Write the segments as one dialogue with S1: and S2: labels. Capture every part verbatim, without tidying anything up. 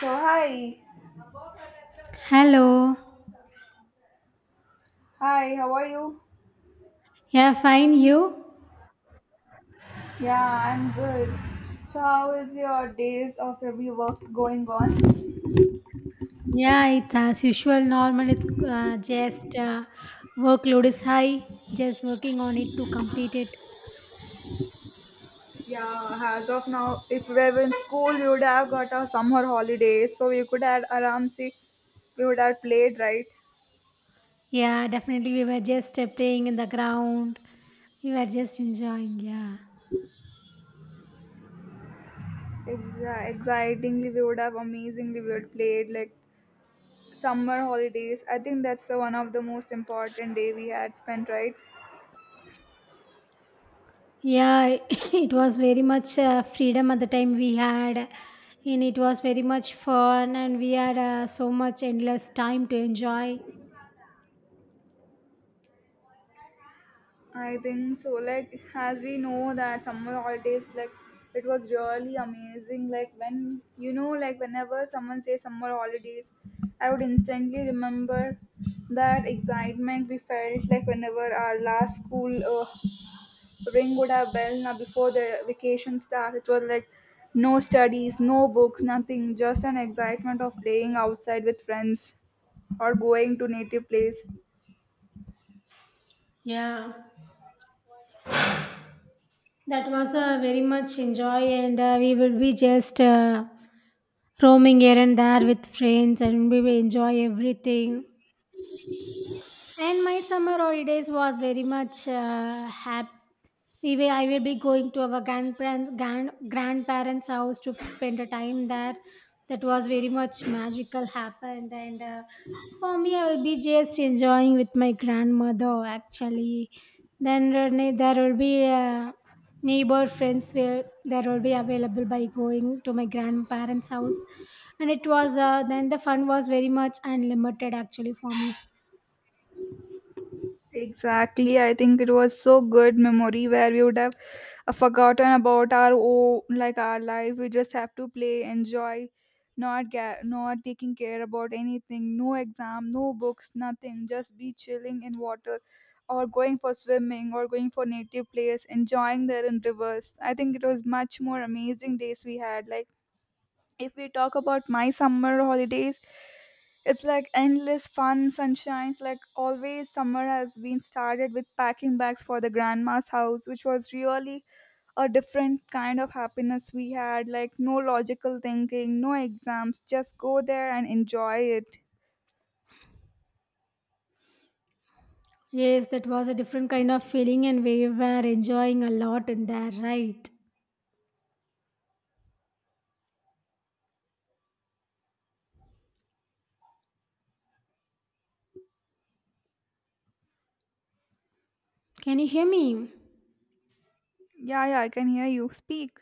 S1: So hi,
S2: Hello.
S1: hi, how are you?
S2: Yeah, fine. You?
S1: Yeah, I'm good. So how is your days of every work going on?
S2: Yeah, it's as usual, normal. It's uh, just uh, workload is high, just working on it to complete it.
S1: Yeah, as of now, if we were in school, we would have got our summer holidays, so we could have around see, we would have played, right?
S2: Yeah, definitely. We were just uh, playing in the ground, we were just enjoying. Yeah.
S1: Exa- Excitingly, we would have amazingly we would played like summer holidays. I think that's the one of the most important day we had spent, right?
S2: Yeah, it was very much uh, freedom at the time we had, and it was very much fun, and we had uh, so much endless time to enjoy.
S1: I think so. Like as we know that summer holidays, like it was really amazing. Like when you know, like whenever someone says summer holidays, I would instantly remember that excitement we felt like whenever our last school uh, ring would have bell now before the vacation starts. It was like no studies, no books, nothing. Just an excitement of playing outside with friends or going to native place.
S2: Yeah, that was uh, very much enjoy, and uh, we will be just. Uh, roaming here and there with friends and we will enjoy everything, and my summer holidays was very much uh, happy. We will, I will be going to our grandparents grand, grandparents house to spend a time there. That was very much magical happened, and uh, for me, I will be just enjoying with my grandmother actually. Then there ne- there will be uh, neighbor friends where there will be available by going to my grandparents' house, and it was uh, then the fun was very much unlimited actually for me.
S1: Exactly. I think it was so good memory where we would have uh, forgotten about our oh, like our life. We just have to play, enjoy, not get, not taking care about anything. No exam, no books, nothing. Just be chilling in water, or going for swimming, or going for native place, enjoying there in rivers. I think it was much more amazing days we had. Like if we talk about my summer holidays, it's like endless fun sunshine, like always summer has been started with packing bags for the grandma's house, which was really a different kind of happiness we had, like no logical thinking, no exams, just go there and enjoy it.
S2: Yes, that was a different kind of feeling, and we were enjoying a lot in there, right? Can you hear me?
S1: Yeah yeah I can hear you speak.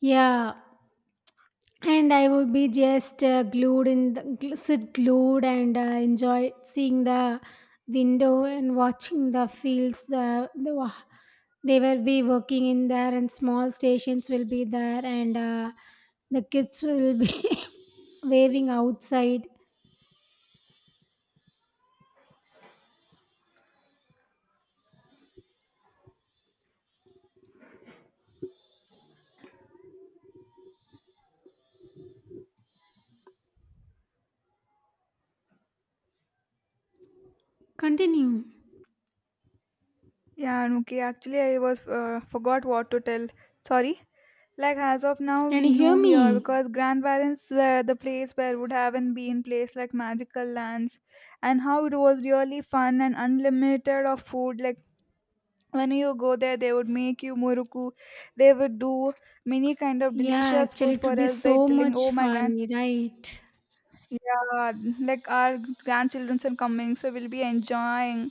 S2: Yeah, and I would be just uh, glued in the, gl- sit glued and uh, enjoy seeing the window and watching the fields, the, the wa- they will be working in there, and small stations will be there, and uh, the kids will be waving outside. Continue.
S1: Yeah, and okay, actually I was uh, forgot what to tell. Sorry. Like as of now, we
S2: Can you
S1: know
S2: hear
S1: here
S2: me?
S1: because grandparents were the place where would have not been placed like magical lands, and how it was really fun and unlimited of food. Like when you go there, they would make you muruku. They would do many kind of
S2: Yeah,
S1: delicious
S2: actually
S1: food
S2: it
S1: for
S2: would be
S1: us by
S2: so
S1: telling, "Oh
S2: much
S1: my grand,
S2: fun, right?
S1: yeah, like our grandchildren are coming, so we'll be enjoying."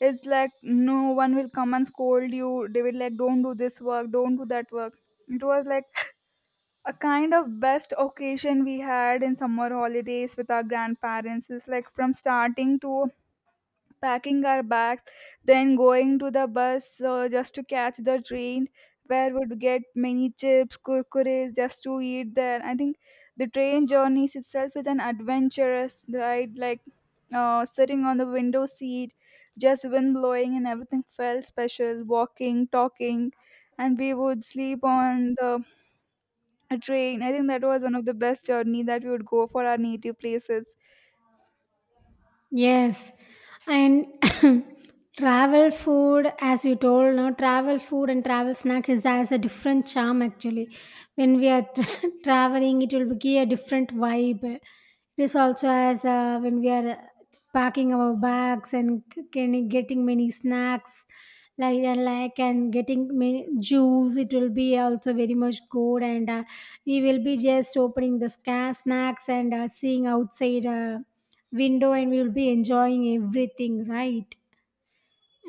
S1: It's like no one will come and scold you. They will like, "Don't do this work, don't do that work." It was like a kind of best occasion we had in summer holidays with our grandparents is like from starting to packing our bags, then going to the bus uh, just to catch the train where we'd get many chips kurkures just to eat there. I think the train journeys itself is an adventurous ride, like uh, sitting on the window seat, just wind blowing and everything felt special, walking, talking, and we would sleep on the a train. I think that was one of the best journey that we would go for our native places.
S2: Yes, and travel food, as you told, no travel food and travel snack is has a different charm actually. When we are tra- traveling, it will be a different vibe. This also has uh, when we are packing our bags and c- can getting many snacks like and like and getting many juice. It will be also very much good, and uh, we will be just opening the sca- snacks and uh, seeing outside. Uh, window, and we will be enjoying everything, right?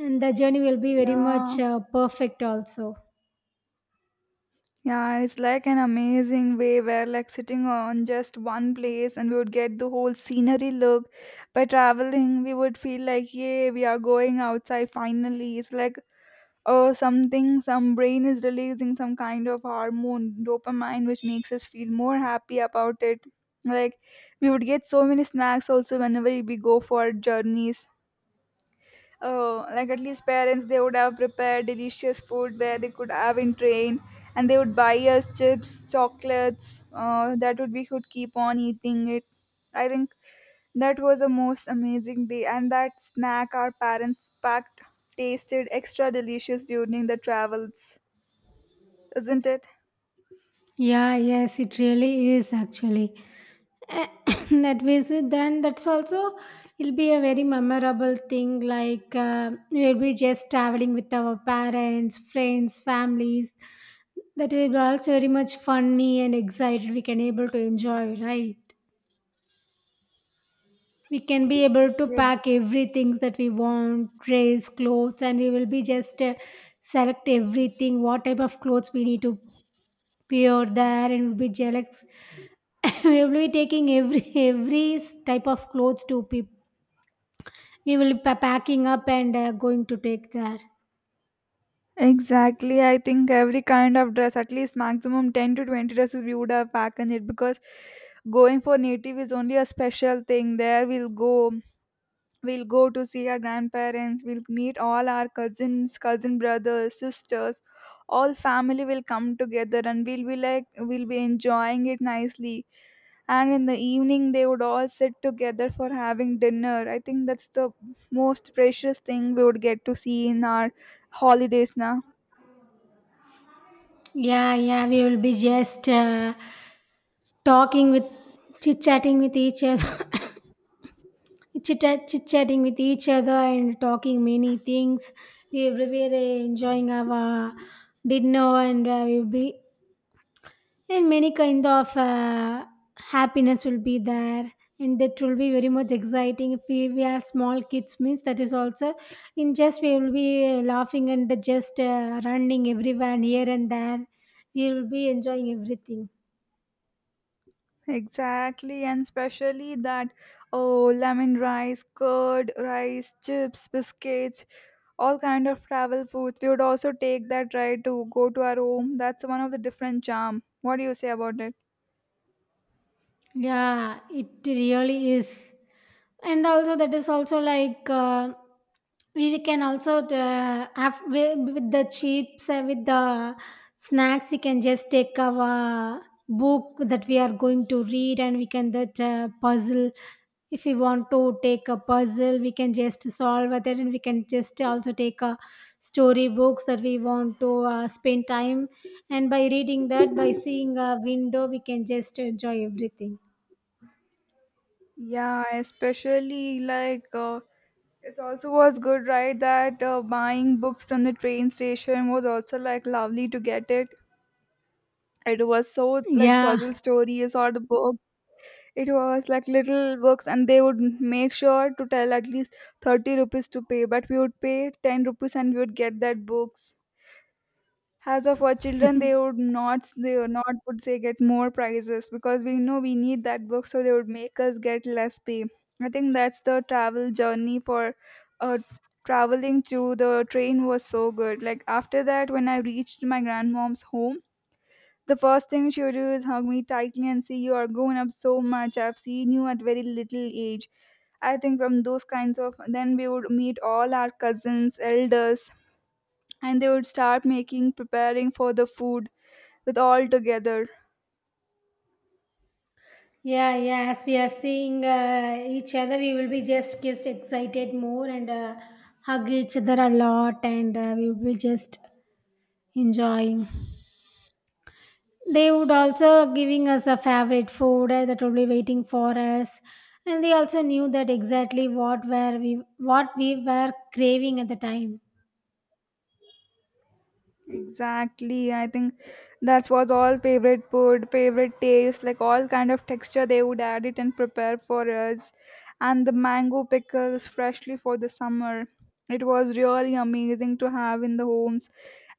S2: And the journey will be very
S1: Yeah.
S2: much uh, perfect also.
S1: Yeah, it's like an amazing way where like sitting on just one place and we would get the whole scenery look. By traveling, we would feel like, yeah, we are going outside finally. It's like oh, something, some brain is releasing some kind of hormone dopamine which makes us feel more happy about it. Like we would get so many snacks also whenever we go for journeys. Oh, like at least parents, they would have prepared delicious food where they could have in train, and they would buy us chips, chocolates. Uh, that would we could keep on eating it. I think that was the most amazing day, and that snack our parents packed tasted extra delicious during the travels, isn't it?
S2: Yeah, yes, it really is actually. A- that visit then, that's also it'll be a very memorable thing like uh, we'll be just traveling with our parents, friends, families. That will be also very much funny and excited we can able to enjoy, right? We can be able to
S1: Yeah.
S2: pack everything that we want, dress, clothes, and we will be just uh, select everything what type of clothes we need to wear there, and we'll be jealous. We will be taking every every type of clothes to people. We will be packing up and uh, going to take there.
S1: Exactly. I think every kind of dress, at least maximum ten to twenty dresses, we would have packed in it because going for native is only a special thing. There we'll go, we'll go to see our grandparents, we'll meet all our cousins, cousin brothers, sisters, all family will come together and we'll be like, we'll be enjoying it nicely. And in the evening they would all sit together for having dinner. I think that's the most precious thing we would get to see in our holidays, na.
S2: Yeah, yeah, we will be just uh, talking with chit chatting with each other. chit chit-chatting with each other and talking many things. We were enjoying our dinner, and uh, we'll be and many kind of uh, happiness will be there, and that will be very much exciting. If we, we are small kids means that is also in just we will be uh, laughing and just uh, running everywhere and here and there. We will be enjoying everything.
S1: Exactly, and especially that oh, lemon rice, curd rice, chips, biscuits, all kind of travel foods. We would also take that right to go to our home. That's one of the different charm. What do you say about it?
S2: Yeah, it really is. And also, that is also like uh, we, we can also uh, have wi- with the chips, uh, with the snacks, we can just take our book that we are going to read, and we can that uh, puzzle. If we want to take a puzzle, we can just solve it, and we can just also take a story books that we want to uh, spend time. And by reading that, by seeing a window, we can just enjoy everything.
S1: Yeah, especially like uh, it also was good, right? That uh, buying books from the train station was also like lovely to get it. It was so like
S2: Yeah.
S1: puzzle stories or the book. It was like little works, and they would make sure to tell at least thirty rupees to pay, but we would pay ten rupees and we would get that books. As of our children, they would not, they would not would say get more prizes because we know we need that book, so they would make us get less pay. I think that's the travel journey for uh, traveling through the train was so good. Like after that, when I reached my grandmom's home, the first thing she would do is hug me tightly and say, "You are grown up so much. I've seen you at very little age." I think from those kinds of, then we would meet all our cousins, elders, and they would start making preparing for the food with all together.
S2: Yeah, yeah. As we are seeing uh, each other, we will be just just excited more, and uh, hug each other a lot, and uh, we will be just enjoying. They would also giving us a favorite food uh, that will be waiting for us, and they also knew that exactly what were we what we were craving at the time.
S1: Exactly. I think that was all favorite food, favorite taste, like all kind of texture they would add it and prepare for us. And the mango pickles freshly for the summer. It was really amazing to have in the homes.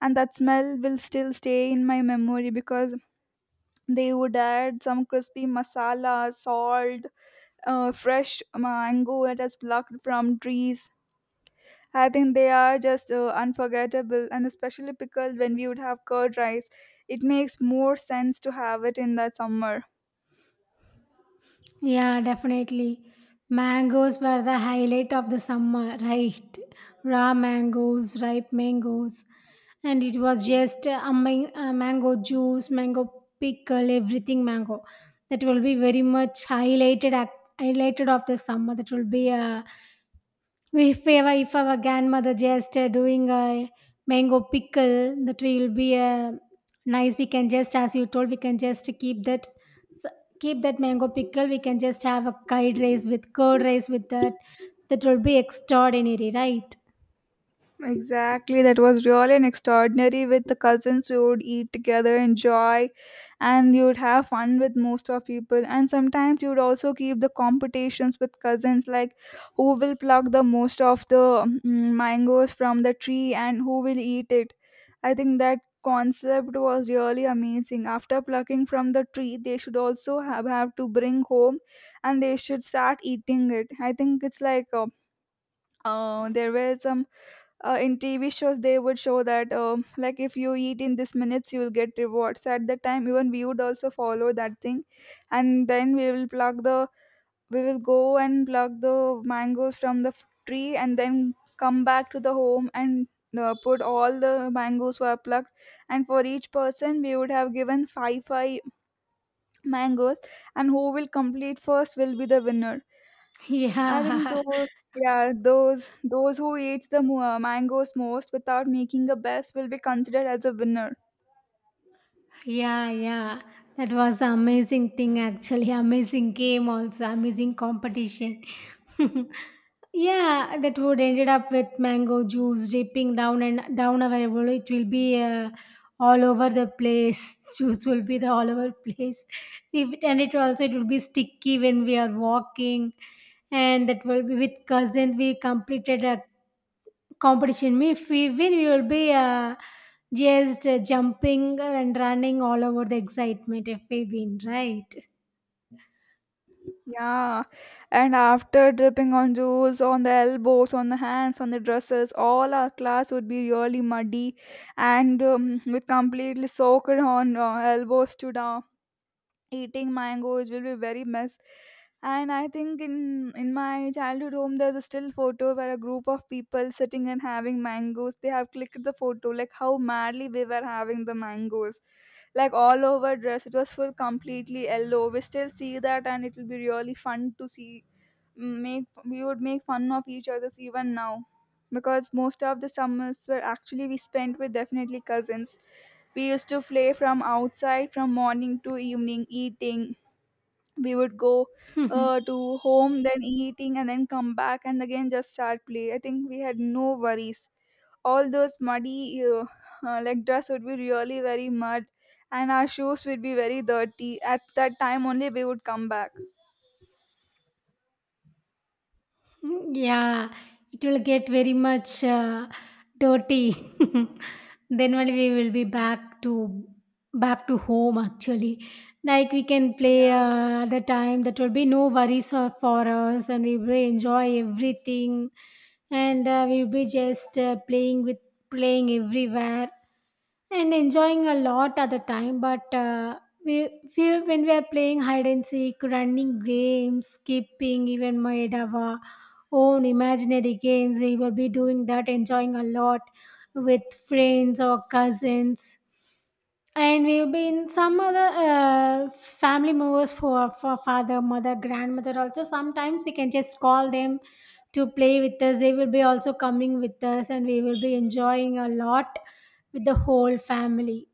S1: And that smell will still stay in my memory because they would add some crispy masala, salt, uh, fresh mango that is plucked from trees. I think they are just uh, unforgettable, and especially pickled when we would have curd rice. It makes more sense to have it in the summer.
S2: Yeah, definitely. Mangoes were the highlight of the summer, right? Raw mangoes, ripe mangoes. And it was just a man- a mango juice, mango pickle, everything mango. That will be very much highlighted, ac- highlighted of the summer. That will be a if ever, if our grandmother just uh, doing a mango pickle, that will be uh, nice. We can just, as you told, we can just keep that s- keep that mango pickle. We can just have a curd rice with curd rice with that. That will be extraordinary, right?
S1: Exactly, that was really an extraordinary. With the cousins, we would eat together, enjoy, and you would have fun with most of people. And sometimes you would also keep the competitions with cousins, like who will pluck the most of the mm, mangoes from the tree and who will eat it. I think that concept was really amazing. After plucking from the tree, they should also have, have to bring home, and they should start eating it. I think it's like. Uh, uh, there were some uh, in tv shows they would show that um, like if you eat in this minutes you will get rewards. So at that time even we would also follow that thing, and then we will pluck the we will go and pluck the mangoes from the f- tree, and then come back to the home and uh, put all the mangoes were plucked, and for each person we would have given five five mangoes, and who will complete first will be the winner. I think
S2: Yeah.
S1: those, yeah, those those who eat the mo- uh, mangoes most without making a best will be considered as a winner.
S2: Yeah, yeah. That was an amazing thing, actually. Amazing game, also. Amazing competition. Yeah, that would ended up with mango juice dripping down and down our bowl. It will be uh, all over the place. Juice will be the all over place. If it- and it also it will be sticky when we are walking. And that will be with cousin. We completed a competition. If we win, we will be uh, just uh, jumping and running all over the excitement if we win, right?
S1: Yeah, and after dripping on juice on the elbows, on the hands, on the dresses, all our class would be really muddy and um, with completely soaked on uh, elbows to down. Eating mangoes will be very mess, and I think in in my childhood home there's a still photo where a group of people sitting and having mangoes, they have clicked the photo like how madly we were having the mangoes, like all over dress it was full completely yellow. We still see that and it will be really fun to see. Mm, make we would make fun of each other's even now, because most of the summers were actually we spent with definitely cousins. We used to play from outside from morning to evening, eating. We would go uh, to home, then eating, and then come back and again just start play. I think we had no worries. All those muddy uh, uh, like dress would be really very mud, and our shoes would be very dirty. At that time only we would come back.
S2: Mhm. Yeah, it will get very much uh, dirty. Then only we will be back to back to home actually. Like we can play
S1: Yeah,
S2: uh, the time that will be no worries or for us, and we will enjoy everything, and uh, we will be just uh, playing with playing everywhere and enjoying a lot at the time, but uh, we, we when we are playing hide and seek, running games, skipping, even made our own imaginary games, we will be doing that enjoying a lot with friends or cousins. And we've been some other uh, family members for, for father, mother, grandmother also. Sometimes we can just call them to play with us, they will be also coming with us, and we will be enjoying a lot with the whole family.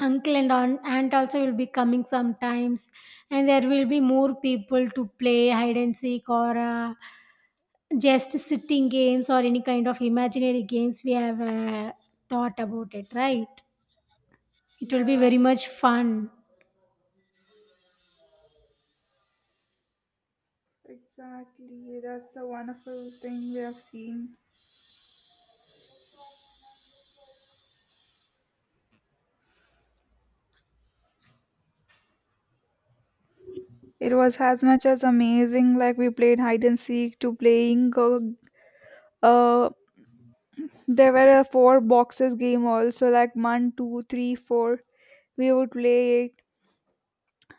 S2: Uncle and aunt aunt also will be coming sometimes, and there will be more people to play hide and seek or uh, just sitting games or any kind of imaginary games we have uh, thought about it, right? It will be
S1: yeah,
S2: very much fun.
S1: exactly. That's the wonderful thing we have seen. It was as much as amazing. Like we played hide and seek to playing uh, uh there were a four boxes game also, like one, two, three, four. We would play it,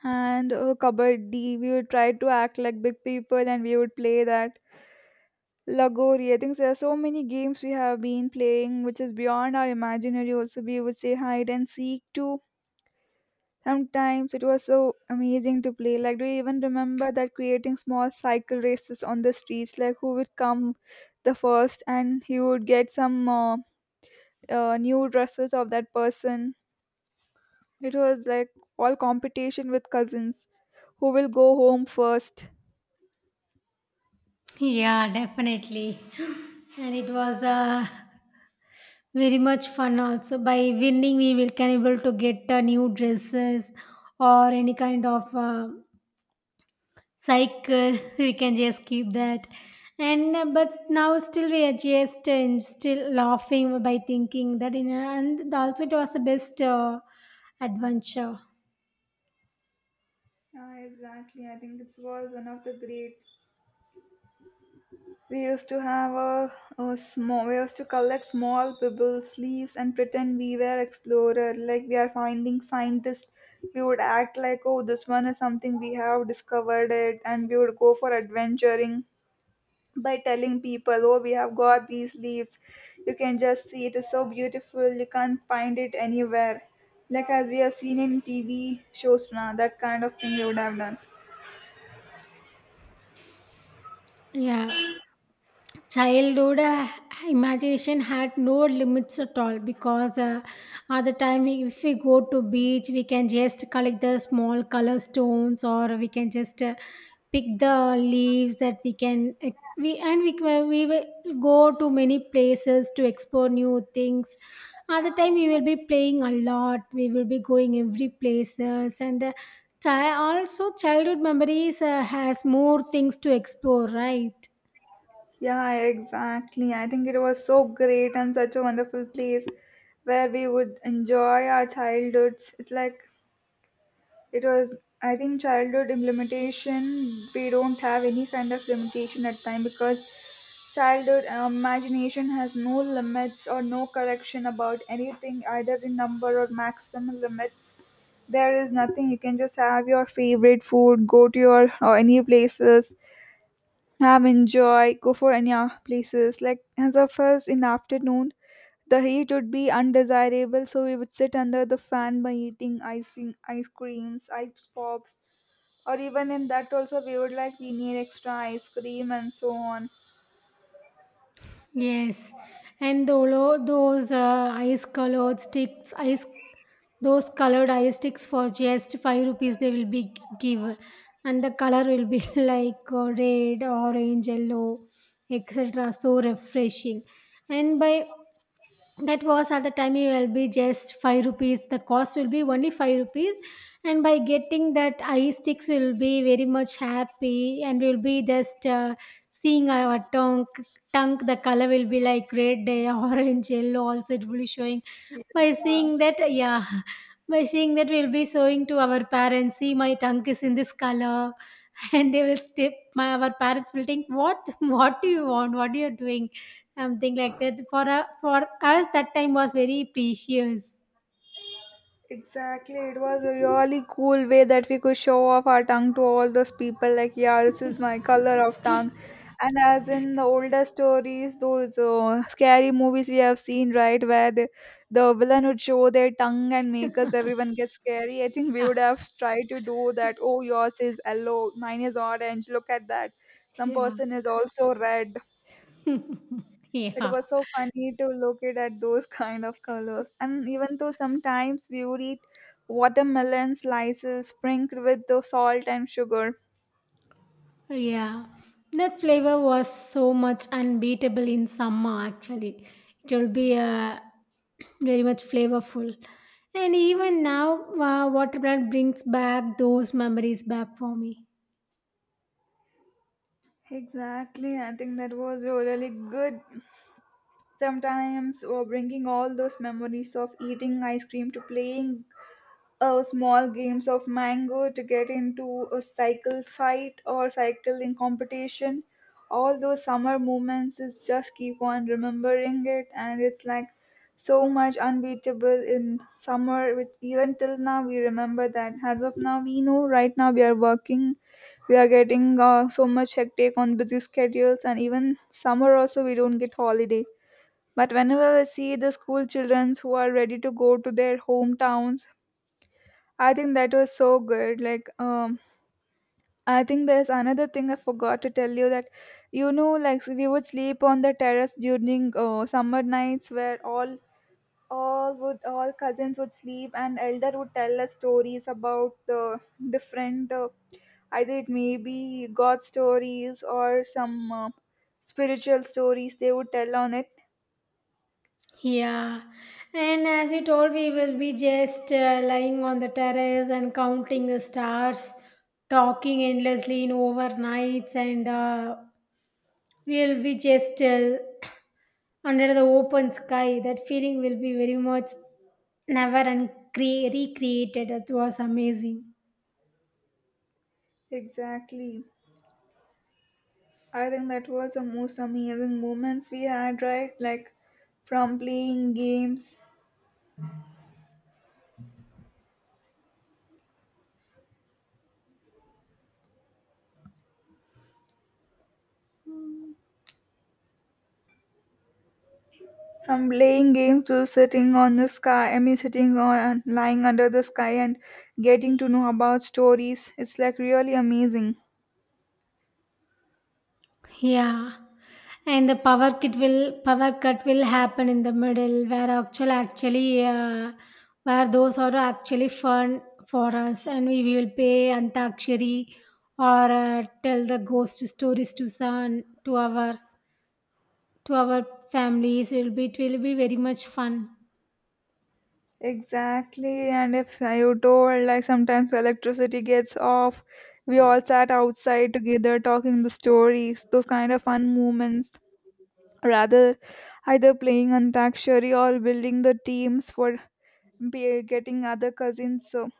S1: and uh, kabaddi. We would try to act like big people, and we would play that lagori. I think there are so many games we have been playing, which is beyond our imaginary. Also, we would say hide and seek too. Sometimes it was so amazing to play. Like, do you even remember that creating small cycle races on the streets? Like, who would come the first, and he would get some uh, uh, new dresses of that person. It was like all competition with cousins who will go home first.
S2: Yeah, definitely. And it was uh, very much fun also. By winning, we will can able to get uh, new dresses or any kind of uh, cycle. We can just keep that, and uh, but now still we are just uh, still laughing by thinking that in, and also it was the best uh, adventure.
S1: Yeah, exactly. I think it was one of the great. We used to have a, a small. We used to collect small pebbles, leaves, and pretend we were explorer. Like we are finding scientists. We would act like, oh, this one is something we have discovered it, and we would go for adventuring, by telling people, oh, we have got these leaves. You can just see it is so beautiful. You can't find it anywhere. Like as we have seen in T V shows now, that kind of thing they would have done.
S2: Yeah, childhood uh, imagination had no limits at all, because uh, at the time if we go to beach we can just collect the small color stones, or we can just uh, pick the leaves that we can uh, we and we, can- we will go to many places to explore new things. At the time we will be playing a lot, we will be going every places, and uh, chi- also childhood memories uh, has more things to explore, right?
S1: Yeah, exactly. I think it was so great and such a wonderful place where we would enjoy our childhoods. It's like it was I think childhood implementation we don't have any kind of limitation at time because childhood imagination has no limits or no correction about anything, either in number or maximum limits. There is nothing. You can just have your favorite food, go to your or any places, have enjoy, go for any uh, places. Like as of us in afternoon, the heat would be undesirable, so we would sit under the fan by eating icing, ice creams, ice pops, or even in that also we would like we need extra ice cream and so on.
S2: Yes, and tholo- those uh, ice colored sticks, ice those colored ice sticks for just five rupees they will be g- give, and the color will be like uh, red, orange, yellow, et cetera. So refreshing, and by that was at the time it will be just five rupees, the cost will be only five rupees. And by getting that eye sticks we will be very much happy, and we'll be just uh, seeing our tongue tongue the color will be like red, eh, orange, yellow also it will be showing.
S1: Yeah.
S2: By seeing that, yeah, by seeing that we'll be showing to our parents, "See, my tongue is in this color," and they will step my our parents will think, "What what do you want? What you are doing?" Something like that. For a for us, that time was very precious.
S1: Exactly, it was a really cool way that we could show off our tongue to all those people. Like, yeah, this is my color of tongue. And as in the older stories, those uh, scary movies we have seen, right, where the, the villain would show their tongue and make us everyone get scary. I think we
S2: Yeah.
S1: would have tried to do that. Oh, yours is yellow, mine is orange. Look at that. Some
S2: Yeah.
S1: person is also red. It
S2: Yeah.
S1: was so funny to look it at those kind of colors. And even though sometimes we would eat watermelon slices sprinkled with the salt and sugar.
S2: Yeah, that flavor was so much unbeatable in summer actually. It will be uh, very much flavorful. And even now, uh, watermelon brings back those memories back for me.
S1: Exactly, I think that was really good. Sometimes or bringing all those memories of eating ice cream to playing uh, small games of mango to get into a cycle fight or cycling competition. All those summer moments is just keep on remembering it, and it's like so much unbeatable in summer. With even till now, we remember that. As of now, we know right now we are working, we are getting uh, so much hectic on busy schedules, and even summer also we don't get holiday. But whenever I see the school children who are ready to go to their hometowns, I think that was so good. Like, um, I think there's another thing I forgot to tell you that, you know, like we would sleep on the terrace during uh, summer nights where all all would all cousins would sleep and elder would tell us stories about the different uh, either it may be god stories or some uh, spiritual stories they would tell on it.
S2: Yeah, and as you told, we will be just uh, lying on the terrace and counting the stars, talking endlessly in overnights, and uh, we'll be just uh, under the open sky, that feeling will be very much never and cre- recreated. It was amazing.
S1: Exactly, I think that was the most amazing moments we had, right? Like from playing games From playing games to sitting on the sky, I mean, sitting on lying under the sky and getting to know about stories. It's like really amazing.
S2: Yeah, and the power kit will power cut will happen in the middle, where actual actually uh, where those are actually fun for us, and we will pay antakshari or uh, tell the ghost stories to son to our to our families. It will be it will be very much fun.
S1: Exactly, and if you told like sometimes electricity gets off, we all sat outside together talking the stories, those kind of fun moments. Rather, either playing Antakshari or building the teams for be- getting other cousins. So,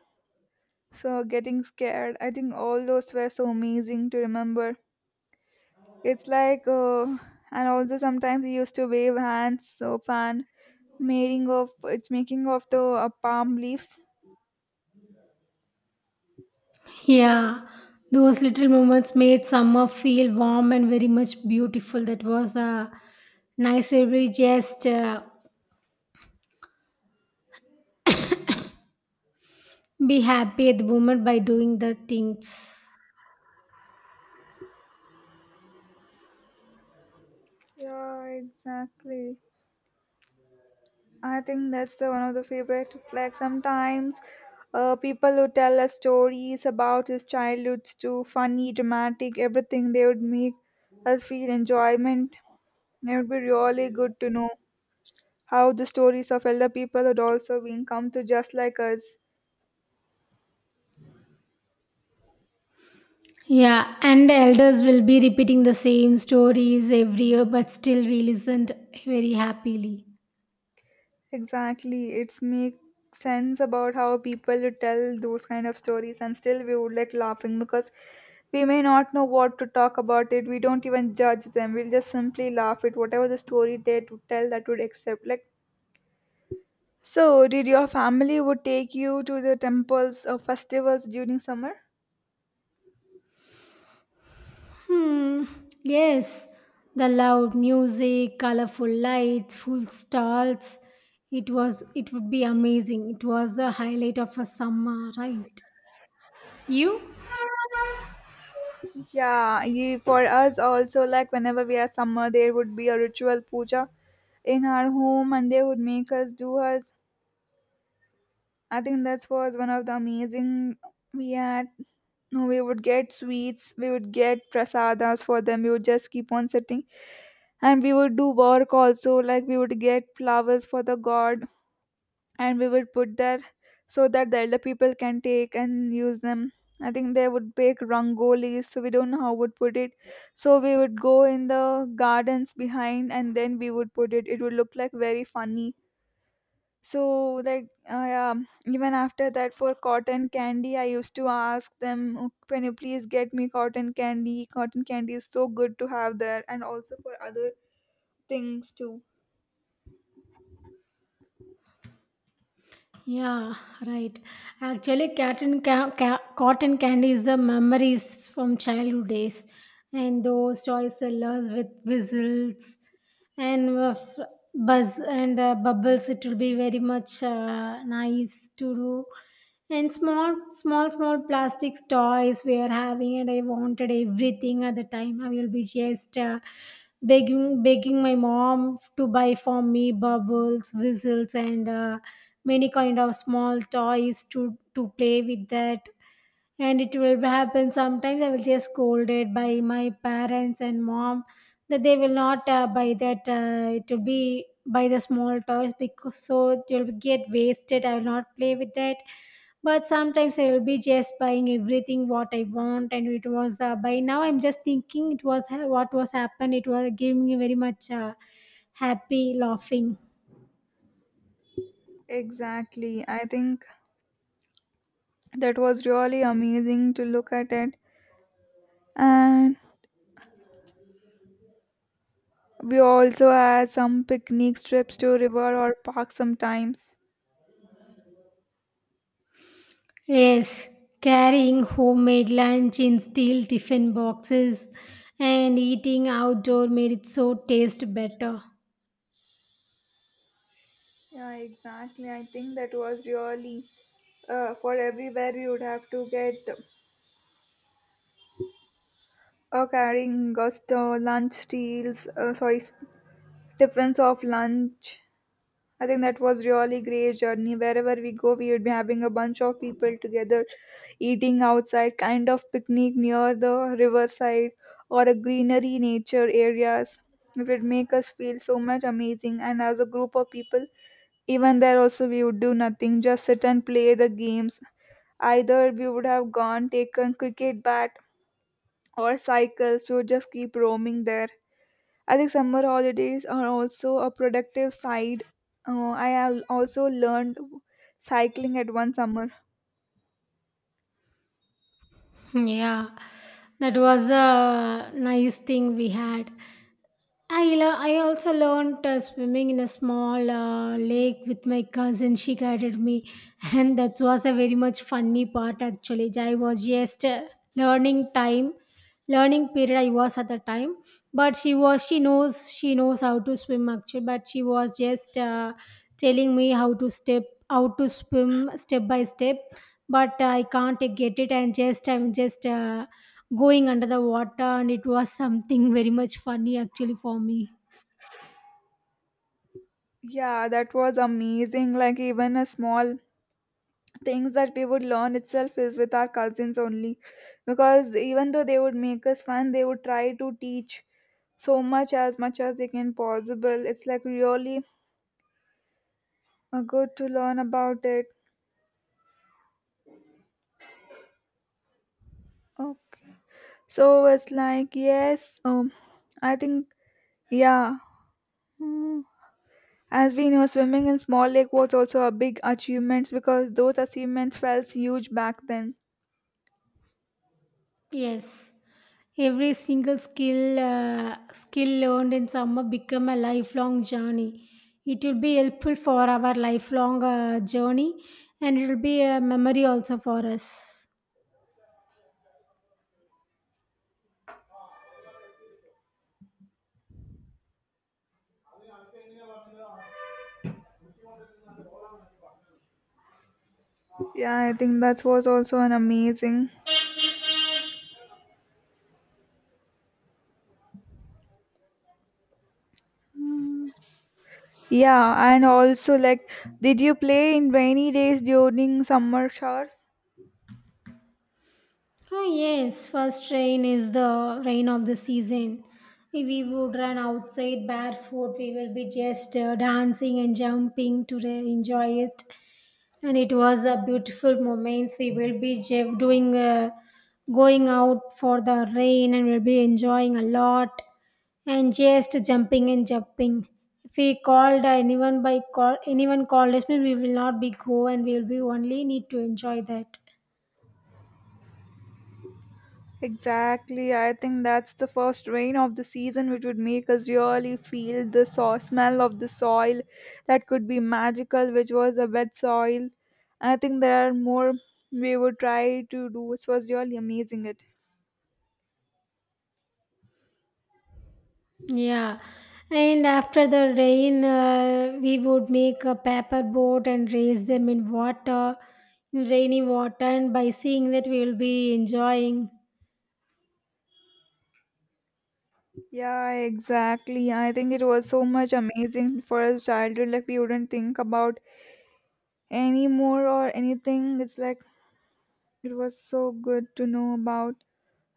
S1: so getting scared. I think all those were so amazing to remember. It's like, uh, and also sometimes we used to wave hands, soap, and making of it's making of the uh, palm leaves.
S2: Yeah, those little moments made summer feel warm and very much beautiful. That was a nice way we just uh, be happy at the moment by doing the things.
S1: Yeah, exactly. I think that's the one of the favorite. It's like sometimes uh, people would tell us stories about his childhoods too, funny, dramatic, everything. They would make us feel enjoyment. It would be really good to know how the stories of elder people had also been come to just like us.
S2: Yeah, and the elders will be repeating the same stories every year, but still we listened very happily.
S1: Exactly. It's make sense about how people tell those kind of stories and still we would like laughing because we may not know what to talk about it. We don't even judge them. We'll just simply laugh at whatever the story they to tell that would accept. Like, so did your family would take you to the temples or festivals during summer?
S2: Hmm. Yes, the loud music, colorful lights, full stalls. It was. It would be amazing. It was the highlight of a summer, right? You?
S1: Yeah, ye- for us also like whenever we are summer there would be a ritual puja in our home and they would make us do us. I think that was one of the amazing we had. No, we would get sweets, we would get prasadas for them. We would just keep on sitting, and we would do work also. Like we would get flowers for the god, and we would put there so that the elder people can take and use them. I think they would bake rangolis, so we don't know how would put it. So we would go in the gardens behind, and then we would put it. It would look like very funny so, like, uh, yeah, even after that, for cotton candy, I used to ask them, "Oh, can you please get me cotton candy? Cotton candy is so good to have there, and also for other things too."
S2: Yeah, right. Actually, cotton, ca- ca- cotton candy is the memories from childhood days, and those toy sellers with whistles. And uh, f- buzz and uh, bubbles it will be very much uh, nice to do, and small small small plastic toys we are having, and I wanted everything. At the time I will be just uh, begging begging my mom to buy for me bubbles, whistles, and uh, many kind of small toys to to play with that. And it will happen sometimes I will just scolded by my parents and mom that they will not uh, buy that. Uh, it will be buy the small toys because so it will get wasted, I will not play with that. But sometimes I will be just buying everything what I want, and it was uh, by now I'm just thinking it was what was happened. It was giving me very much uh, happy laughing.
S1: Exactly. I think that was really amazing to look at it. And we also had some picnic trips to river or park sometimes.
S2: Yes, carrying homemade lunch in steel tiffin boxes and eating outdoor made it so taste better.
S1: Yeah, exactly. I think that was really uh, for everywhere we would have to get uh, carrying gust uh, lunch deals. Uh, sorry, s- tiffins of lunch. I think that was really great journey wherever we go, we would be having a bunch of people together eating outside kind of picnic near the riverside or a greenery nature areas. It would make us feel so much amazing and as a group of people even there also we would do nothing, just sit and play the games. Either we would have gone taken cricket bat or cycles, we would just keep roaming there. I think summer holidays are also a productive side. Uh, I have also learned cycling at one summer.
S2: Yeah, that was a nice thing we had. I lo- I also learned uh, swimming in a small uh, lake with my cousin. She guided me, and that was a very much funny part actually. I was just uh, learning time, learning period. I was at the time, but she was she knows she knows how to swim actually. But she was just uh, telling me how to step, how to swim step by step. But uh, I can't uh, get it, and just I'm just uh, going under the water, and it was something very much funny actually for me.
S1: Yeah, that was amazing. Like even a small things that we would learn itself is with our cousins only, because even though they would make us fun, they would try to teach so much as much as they can possible. It's like really uh, good to learn about it. Okay, so it's like yes. Um, I think yeah. Hmm. As we know, swimming in small lake was also a big achievement because those achievements felt huge back then.
S2: Yes, every single skill uh, skill learned in summer become a lifelong journey. It will be helpful for our lifelong uh, journey, and it will be a memory also for us.
S1: Yeah, I think that was also an amazing. Yeah, and also like, did you play in rainy days during summer showers?
S2: Oh yes, first rain is the rain of the season. If we would run outside barefoot, we will be just uh, dancing and jumping to re- enjoy it. And it was a beautiful moments. We will be j- doing, uh, going out for the rain, and we'll be enjoying a lot and just jumping and jumping. If we called anyone by call, anyone called us, we will not be go, and we will be only need to enjoy that.
S1: Exactly, I think that's the first rain of the season, which would make us really feel the so- smell of the soil that could be magical, which was the wet soil. I think there are more we would try to do. It was really amazing. It.
S2: Yeah, and after the rain, uh, we would make a paper boat and raise them in water, in rainy water, and by seeing that, we will be enjoying.
S1: Yeah, exactly. I think it was so much amazing for us childhood. Like we wouldn't think about anymore or anything. It's like it was so good to know about.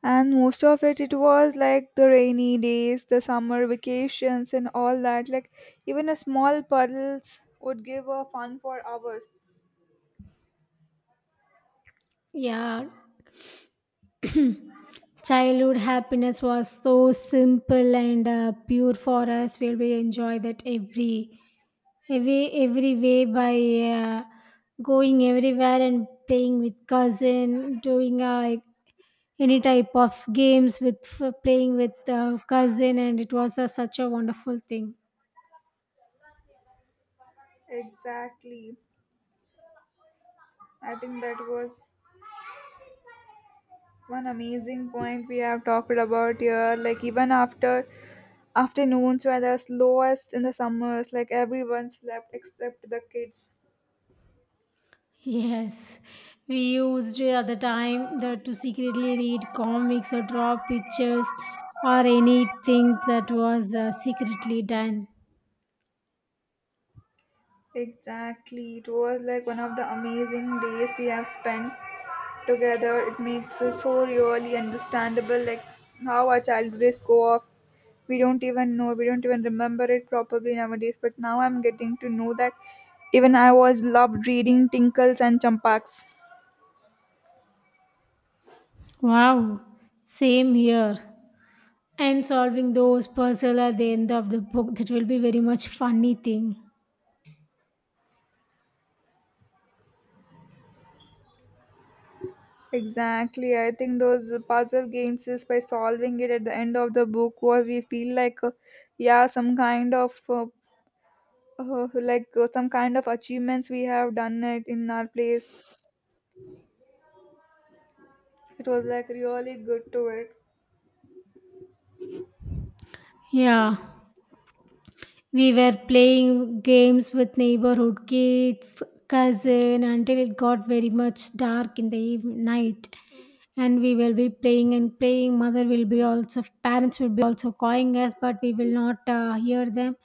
S1: And most of it, it was like the rainy days, the summer vacations, and all that. Like even a small puddles would give a fun for hours.
S2: Yeah, childhood happiness was so simple and uh, pure for us. We'll be enjoy that every, every, every way by uh, going everywhere and playing with cousin, doing uh, any type of games with f- playing with uh, cousin, and it was a, such a wonderful thing.
S1: Exactly. I think that was one amazing point we have talked about here. Like even after afternoons were the slowest in the summers, like everyone slept except the kids.
S2: Yes, we used at the time that to secretly read comics or draw pictures or anything that was uh, secretly done.
S1: Exactly. It was like one of the amazing days we have spent together. It makes it so really understandable, like how our childhood days go off. We don't even know, we don't even remember it properly nowadays. But now I'm getting to know that even I was loved reading Tinkles and Champaks.
S2: Wow, same here, and solving those puzzle at the end of the book, that will be very much funny thing.
S1: Exactly. I think those puzzle games is by solving it at the end of the book where we feel like, uh, yeah, some kind of, uh, uh, like uh, some kind of achievements we have done it in our place. It was like really good to it.
S2: Yeah, we were playing games with neighborhood kids, cousin, until it got very much dark in the even night. And we will be playing and playing. Mother will be also, parents will be also calling us, but we will not uh, hear them.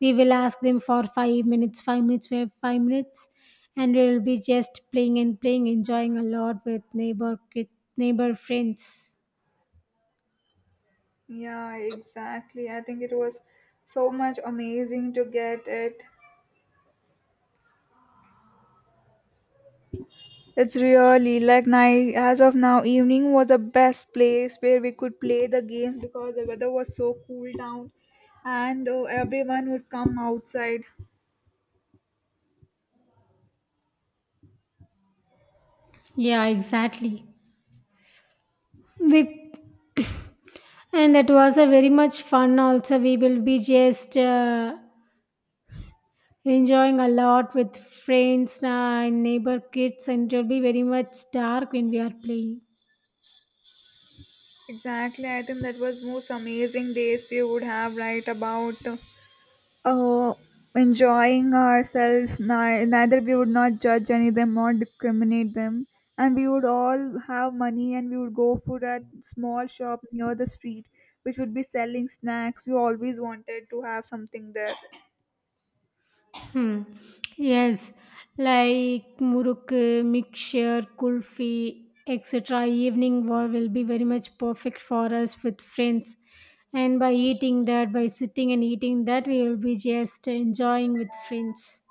S2: We will ask them for five minutes, five minutes, we have five minutes, and we will be just playing and playing, enjoying a lot with neighbor kid, neighbor friends.
S1: Yeah, exactly. I think it was so much amazing to get it. It's really like night as of now evening was the best place where we could play the games because the weather was so cool down and uh, everyone would come outside.
S2: Yeah, exactly. We, and that was a very much fun. Also, we will be just uh, enjoying a lot with friends uh, and neighbor kids, and it will be very much dark when we are playing.
S1: Exactly, I think that was most amazing days we would have right about. uh, uh, Enjoying ourselves ni- neither we would not judge any of them or discriminate them, and we would all have money and we would go for that small shop near the street which would be selling snacks. We always wanted to have something there.
S2: Hmm. Yes, like muruk, mixture, kulfi, et cetera. Evening war will be very much perfect for us with friends. And by eating that, by sitting and eating that, we will be just enjoying with friends.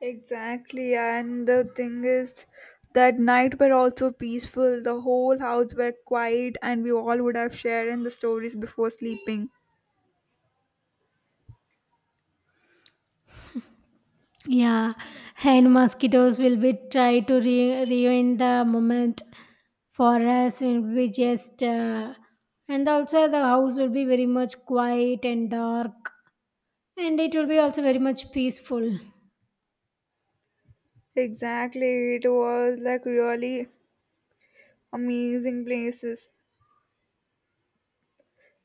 S1: Exactly, and the thing is that night were also peaceful, the whole house were quiet and we all would have shared in the stories before sleeping.
S2: Yeah, and mosquitoes will be try to re- ruin the moment for us. Will be just uh, and also the house will be very much quiet and dark, and it will be also very much peaceful.
S1: Exactly it was like really amazing places.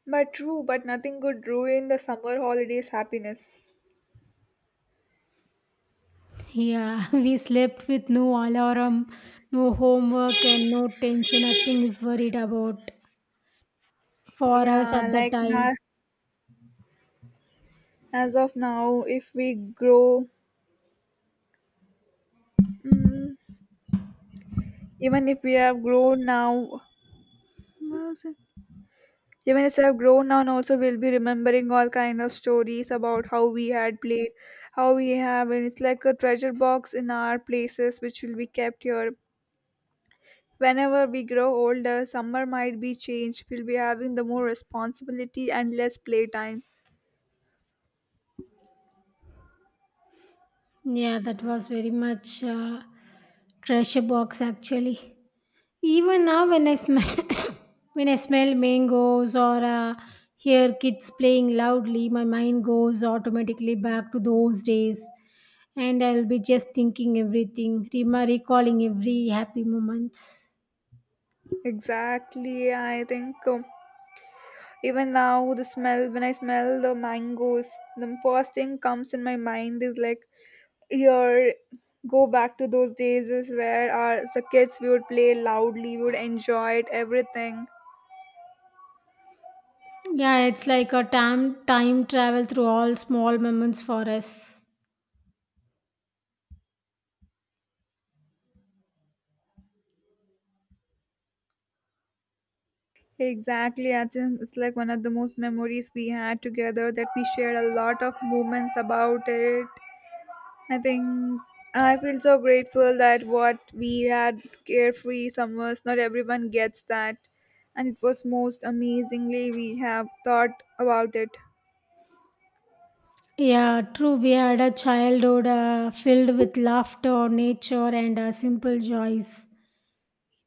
S1: But true, but nothing could ruin the summer holidays happiness.
S2: Yeah, we slept with no alarm, no homework, and no tension. Nothing is worried about for us
S1: Yeah,
S2: at that
S1: like
S2: time.
S1: na- as of now, if we grow, mm, even if we have grown now, even if we have grown now, and also we'll be remembering all kind of stories about how we had played, how we have, and it's like a treasure box in our places which will be kept here. Whenever we grow older, summer might be changed. We'll be having the more responsibility and less playtime.
S2: Yeah, that was very much uh, treasure box actually. Even now, when I smell when I smell mangoes or uh, hear kids playing loudly, my mind goes automatically back to those days, and I'll be just thinking everything, rema- recalling every happy moment.
S1: Exactly, I think um, even now the smell when I smell the mangoes, the first thing comes in my mind is like here go back to those days is where our as a kids we would play loudly, we would enjoy it, everything.
S2: Yeah, it's like a time time travel through all small moments for us.
S1: Exactly, I think it's like one of the most memories we had together that we shared a lot of moments about it. I think I feel so grateful that what we had carefree summers, not everyone gets that. And it was most amazingly we have thought about it.
S2: Yeah, true. We had a childhood uh, filled with laughter, nature, and uh, simple joys.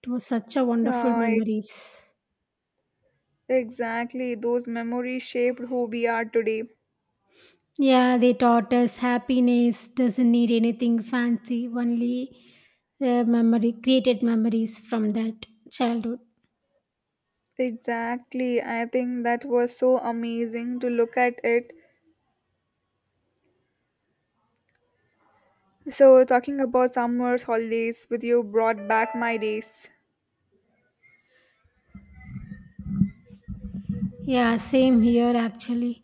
S2: It was such a wonderful
S1: Yeah, e-
S2: memories.
S1: exactly. Those memories shaped who we are today.
S2: Yeah, they taught us happiness doesn't need anything fancy, only uh, memory, created memories from that childhood.
S1: Exactly. I think that was so amazing to look at it. So, talking about summers, holidays with you brought back my days.
S2: Yeah, same here actually.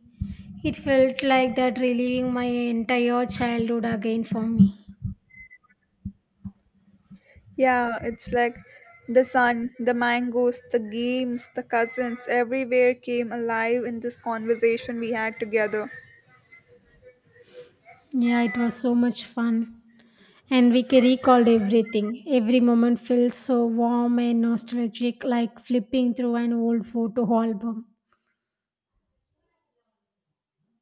S2: It felt like that reliving my entire childhood again for me.
S1: Yeah, it's like the sun, the mangoes, the games, the cousins, everywhere came alive in this conversation we had together.
S2: Yeah, it was so much fun. And we ca- recalled everything. Every moment felt so warm and nostalgic, like flipping through an old photo album.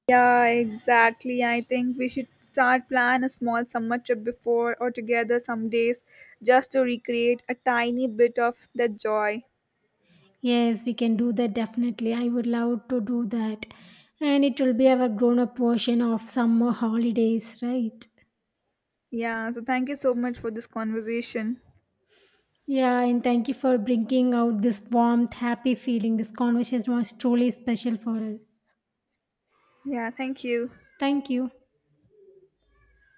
S1: Yeah, exactly. I think we should start plan a small summer trip before or together some days just to recreate a tiny bit of that joy.
S2: Yes, we can do that definitely. I would love to do that. And it will be our grown up version of summer holidays, right?
S1: Yeah, so thank you so much for this conversation.
S2: Yeah, and thank you for bringing out this warmth, happy feeling. This conversation was truly special for us.
S1: Yeah, thank you.
S2: Thank you.